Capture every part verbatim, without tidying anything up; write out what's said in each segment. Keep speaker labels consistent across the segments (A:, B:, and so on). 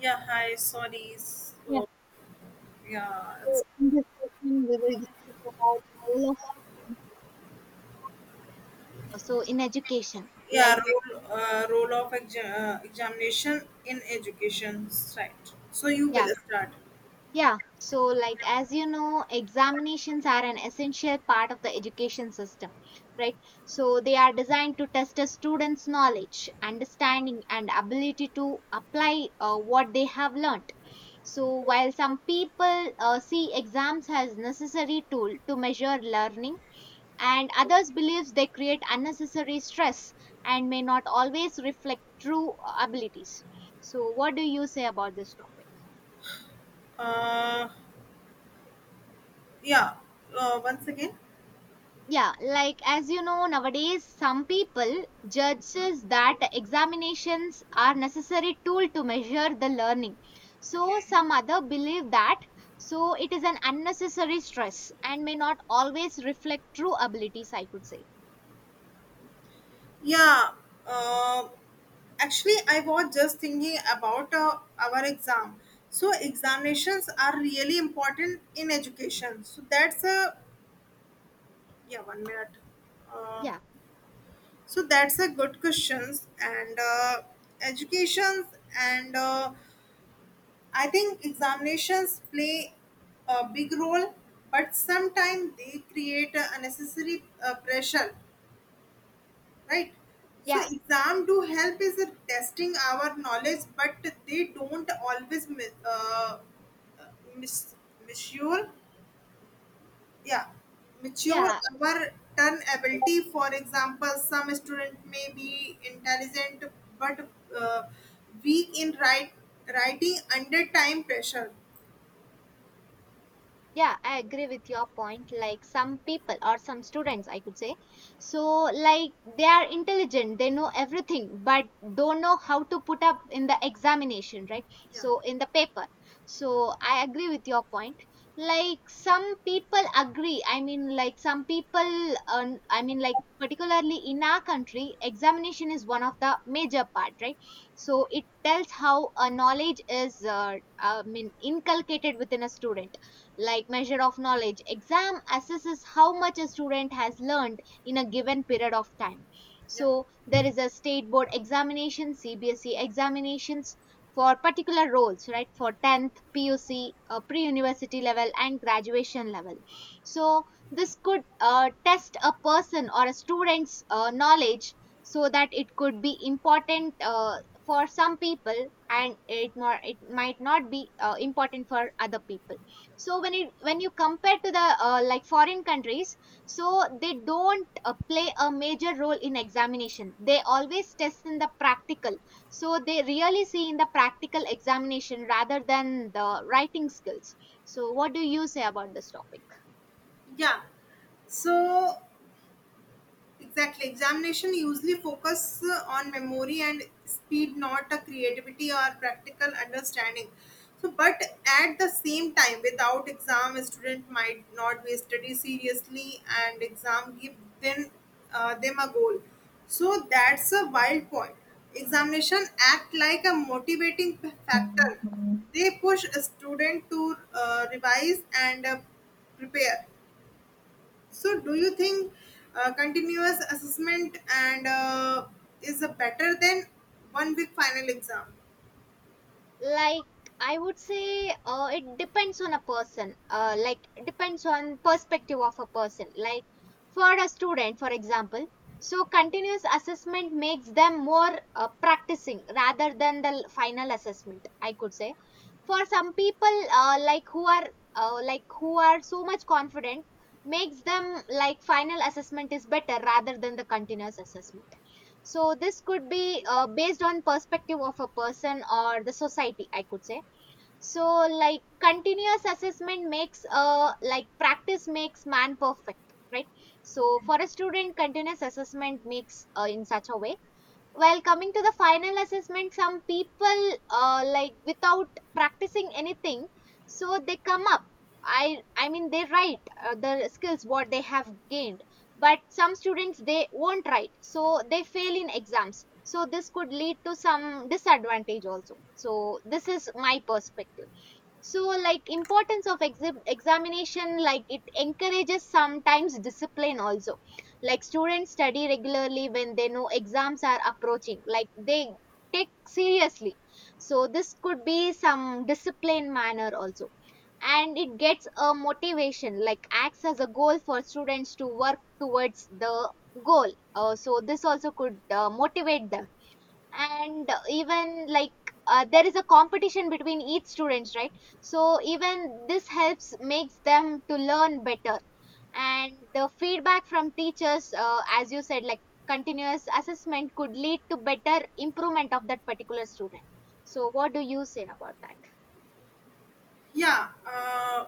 A: Yeah, hi, sorry.
B: Yeah,
A: So, yeah,
B: so
A: it's,
B: in this session, we will discuss about the role of examination. So in education,
A: yeah,
B: like,
A: role, uh, role of exa- uh, examination in education, right? So you
B: yeah,
A: will start.
B: yeah. So like, as you know, examinations are an essential part of the education system, right? So they are designed to test a student's knowledge, understanding, and ability to apply uh, what they have learned. So while some people uh, see exams as necessary tool to measure learning, and others believes they create unnecessary stress and may not always reflect true abilities. So what do you say about this topic?
A: Uh, yeah, uh, once again.
B: Yeah, like as you know, nowadays some people judges that examinations are necessary tool to measure the learning, so
A: Okay.
B: some other believe that, so it is an unnecessary stress and may not always reflect true abilities, I could say.
A: Yeah, uh, actually, I was just thinking about uh, our exam. So examinations are really important in education. So that's a yeah, one minute. Uh,
B: Yeah,
A: So that's a good questions and uh, educations and uh, I think examinations play a big role, but sometimes they create a unnecessary uh, pressure, right? So
B: yeah,
A: exam do help is in testing our knowledge, but they don't always mi- uh, uh, mis- misure yeah mature
B: yeah.
A: our turn ability. For example, some student may be intelligent, but uh, weak in write, writing under time pressure.
B: Yeah, I agree with your point. Like some people or some students, I could say. So, like, they are intelligent, they know everything, but don't know how to put up in the examination, right?
A: Yeah,
B: So, in the paper. So, I agree with your point. Like, some people agree. I mean, like, some people, um, I mean, like, particularly in our country, examination is one of the major part, right? So, it tells how a knowledge is, uh, I mean, inculcated within a student, like measure of knowledge. Exam assesses how much a student has learned in a given period of time.
A: yeah,
B: So there is a state board examination, C B S E examinations for particular roles, right? For tenth P U C, uh, pre university level and graduation level. So this could uh, test a person or a student's uh, knowledge, so that it could be important uh, for some people, and it not, it might not be uh, important for other people. So when it, when you compare to the uh, like foreign countries, so they don't uh, play a major role in examination, they always test in the practical. So they really see in the practical examination rather than the writing skills. So what do you say about this topic?
A: yeah, so exactly. Examination usually focus uh, on memory and speed, not a creativity or practical understanding. So, but at the same time, without exam, a student might not be study seriously, and exam give them uh, them a goal. So that's a wild point. Examination act like a motivating p- factor. They push a student to uh, revise and uh, prepare. So, do you think uh, continuous assessment and uh, is a better than one big final exam?
B: Like I would say uh, it depends on a person, uh, like it depends on perspective of a person. Like for a student, for example, so continuous assessment makes them more uh, practicing rather than the l- final assessment, I could say. For some people, uh, like who are uh, like who are so much confident, makes them like final assessment is better rather than the continuous assessment. So this could be uh, based on perspective of a person or the society, I could say. So like continuous assessment makes uh, like practice makes man perfect, right? So for a student, continuous assessment makes uh, in such a way. While coming to the final assessment, some people, uh, like without practicing anything, so they come up. I I mean they write uh, the skills what they have gained, but some students they won't write, so they fail in exams. So this could lead to some disadvantage also. So this is my perspective. So like importance of exib examination, like it encourages sometimes discipline also. Like students study regularly when they know exams are approaching, like they take seriously. So this could be some discipline manner also. And it gets a motivation, like acts as a goal for students to work towards the goal. Uh, so this also could uh, motivate them. And even like uh, there is a competition between each students, right? So even this helps makes them to learn better. And the feedback from teachers, uh, as you said, like continuous assessment could lead to better improvement of that particular student. So what do you say about that?
A: Yeah, uh,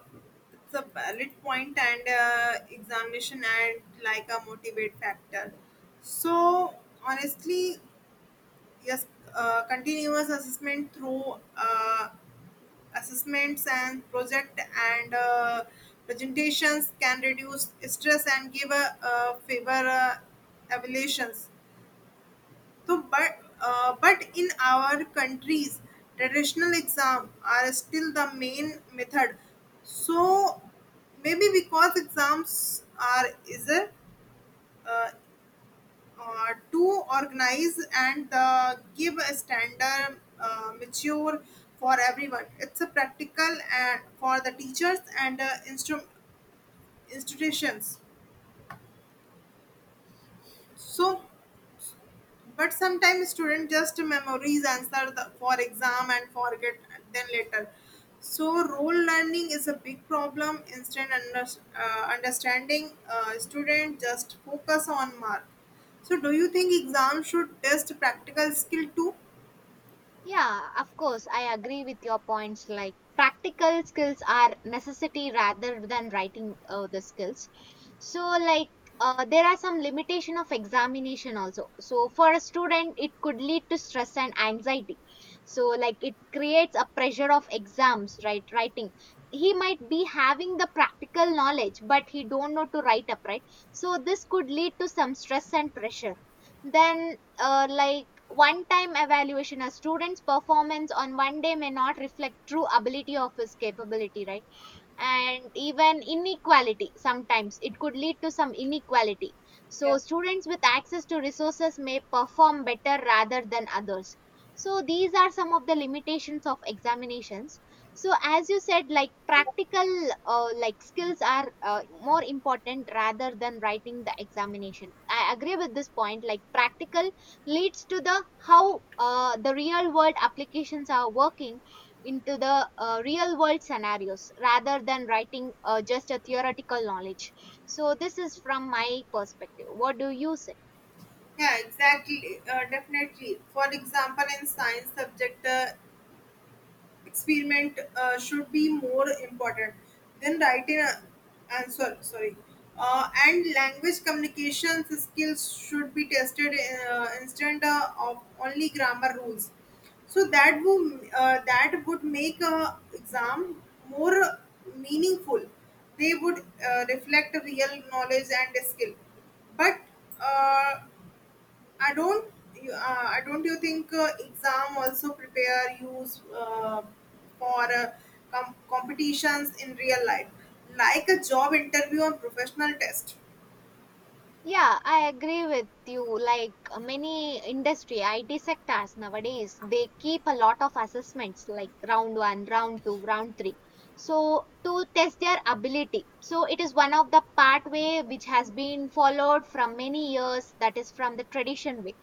A: it's a valid point and uh, examination and like a motivate factor. So, honestly, yes, uh, continuous assessment through uh, assessments and project and uh, presentations can reduce stress and give a, uh favor uh, evaluations. So, but uh, but in our countries, traditional exam are still the main method. So maybe because exams are is a, uh, uh, too organized and uh, give a standard uh, mature for everyone. It's a practical and for the teachers and uh, instru- institutions. So but sometimes students just memories answer the, for exam and forget then later. So role learning is a big problem. Instant under, uh, understanding uh, student just focus on mark. So do you think exam should test practical skill too?
B: Yeah, of course, I agree with your points. Like practical skills are necessity rather than writing uh, the skills. So, like uh, there are some limitation of examination also. So, for a student, it could lead to stress and anxiety. So, like it creates a pressure of exams, right? Writing. He might be having the practical knowledge, but he don't know to write up, right? So, this could lead to some stress and pressure. Then uh, like one time evaluation, a student's performance on one day may not reflect true ability of his capability, right? And even inequality, sometimes it could lead to some inequality. So students with access to resources may perform better rather than others. So these are some of the limitations of examinations. So as you said, like practical uh, like skills are uh, more important rather than writing the examination. I agree with this point, like practical leads to the how uh, the real world applications are working into the uh, real world scenarios rather than writing uh, just a theoretical knowledge. So this is from my perspective, what do you say?
A: Yeah, exactly. Uh, definitely. For example, in science subject, uh, experiment uh, should be more important than writing a- answer, sorry. Uh, and language communication skills should be tested uh, instead uh, of only grammar rules, so that would uh, that would make a exam more meaningful. They would uh, reflect real knowledge and skill, but uh, I don't. you- Uh, I don't. You think uh, exam also prepare you uh, for uh, com- competitions in real life, like a job interview or professional test?
B: Yeah, I agree with you. Like uh, many industry I T sectors nowadays, they keep a lot of assessments like round one, round two, round three. So to test their ability. So it is one of the pathway which has been followed from many years, that is from the tradition way.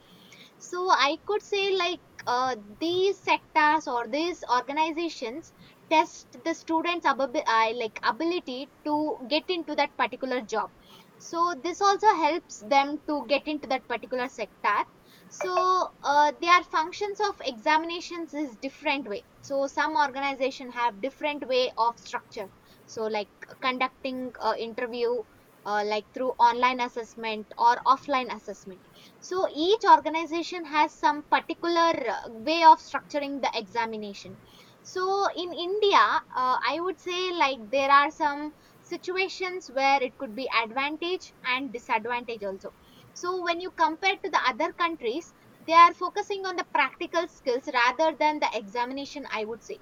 B: So I could say like uh, these sectors or these organizations test the students' ababi- uh, like ability to get into that particular job. So this also helps them to get into that particular sector. So uh, their functions of examinations is different way. So some organization have different way of structure. So like conducting uh, interview uh, like through online assessment or offline assessment. So each organization has some particular uh, way of structuring the examination. So in India, uh, I would say like there are some situations where it could be advantage and disadvantage also. So when you compare to the other countries, they are focusing on the practical skills rather than the examination, I would say.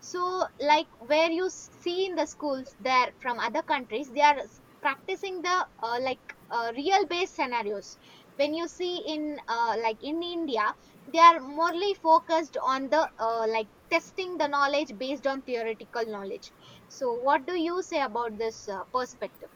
B: So like where you s- see in the schools there from other countries, they are s- practicing the uh, like uh, real based scenarios. When you see in uh, like in India, they are morely focused on the uh, like testing the knowledge based on theoretical knowledge. So what do you say about this uh, perspective?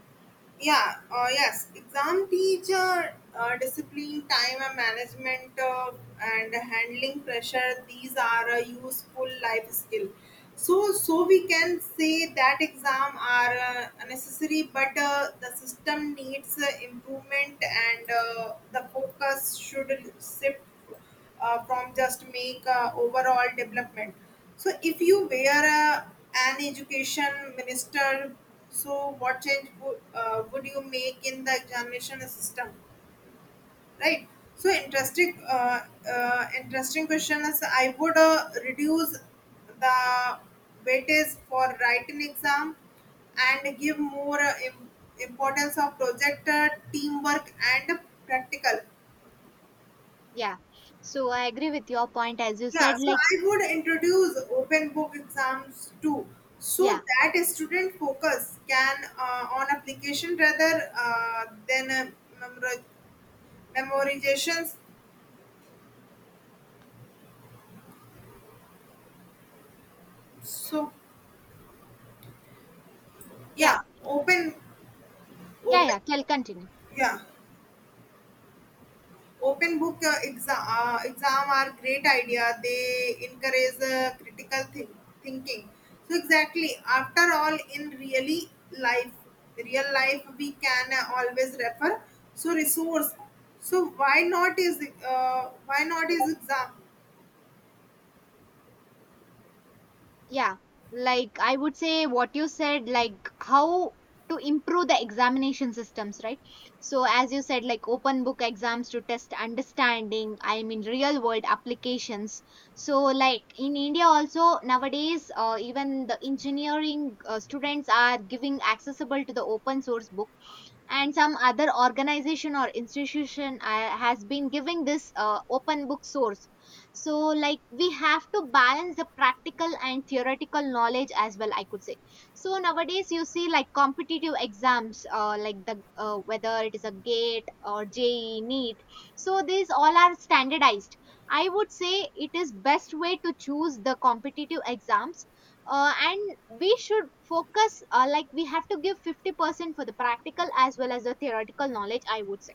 A: Yeah, uh, yes, exam teacher uh, discipline time and management uh, and handling pressure, these are a useful life skill. So so we can say that exam are uh, necessary, but uh, the system needs uh, improvement and uh, the focus should shift uh, from just make uh, overall development. So if you were uh, an education minister, so what change would, uh, would you make in the examination system, right? So interesting, uh, uh, interesting question is I would uh, reduce the weightage for writing exam and give more uh, im- importance of project, uh, teamwork and practical.
B: Yeah, so I agree with your point, as you
A: Yeah,
B: said,
A: so
B: like,
A: I would introduce open book exams too,
B: yeah,
A: so that a student focus can uh, on application rather uh, than uh, memori- memorizations. So
B: yeah,
A: yeah, open,
B: yeah, yeah,
A: open,
B: tell, continue.
A: yeah. Open book uh, exam, uh, exam are great idea. They encourage uh, critical thi- thinking. So exactly, after all, in really life, real life, we can uh, always refer. So resource. So why not is uh, why not is exam?
B: Yeah, like I would say what you said, like how to improve the examination systems, right? So as you said, like open book exams to test understanding, I mean real world applications. So like in India also nowadays, uh, even the engineering uh, students are giving accessible to the open source book, and some other organization or institution uh, has been giving this uh, open book source. So like we have to balance the practical and theoretical knowledge as well, I could say. So nowadays you see like competitive exams, uh, like the uh, whether it is a gate or je NEET. So these all are standardized. I would say it is best way to choose the competitive exams. Uh, and we should focus uh, like we have to give fifty percent for the practical as well as the theoretical knowledge, I would say.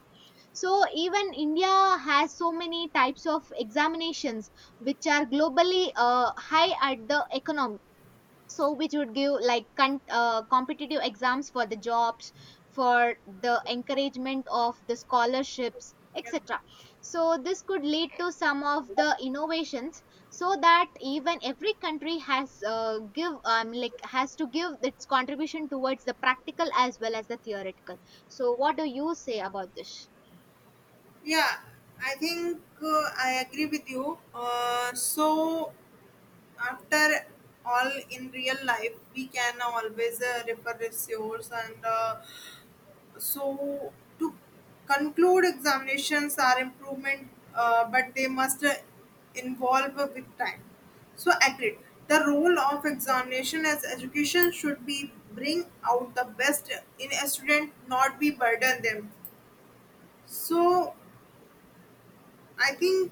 B: So even India has so many types of examinations which are globally uh, high at the economics. So which would give like con- uh, competitive exams for the jobs, for the encouragement of the scholarships,
A: Yeah.
B: etc. So this could lead to some of the innovations. So that even every country has uh, give um, like has to give its contribution towards the practical as well as the theoretical. So what do you say about this?
A: Yeah, I think uh, I agree with you. Uh, so, after all, in real life, we can always uh, refer resource and uh, so to conclude examinations are improvement, uh, but they must uh, involve with time, so agreed the role of examination as education should be bring out the best in a student, not be burden them. So I think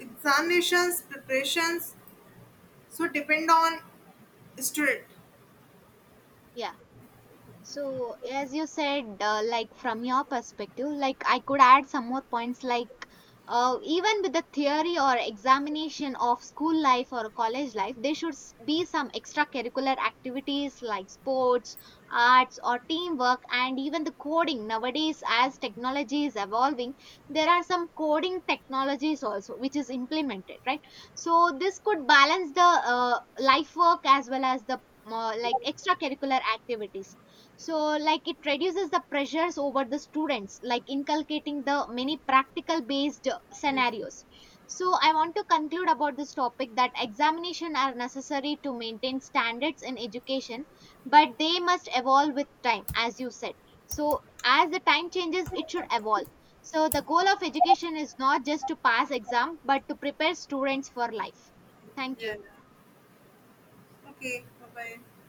A: examinations preparations so depend on student.
B: Yeah. So, as you said, uh, like from your perspective, like I could add some more points, like uh, even with the theory or examination of school life or college life, there should s- be some extracurricular activities like sports, arts, or teamwork, and even the coding. Nowadays, as technology is evolving, there are some coding technologies also which is implemented, right? So, this could balance the uh, life work as well as the uh, like extracurricular activities. So like it reduces the pressures over the students, like inculcating the many practical based scenarios. So I want to conclude about this topic that examination are necessary to maintain standards in education, but they must evolve with time, as you said. So as the time changes, it should evolve. So the goal of education is not just to pass exam, but to prepare students for life. Thank
A: Yeah.
B: you.
A: Okay, bye bye.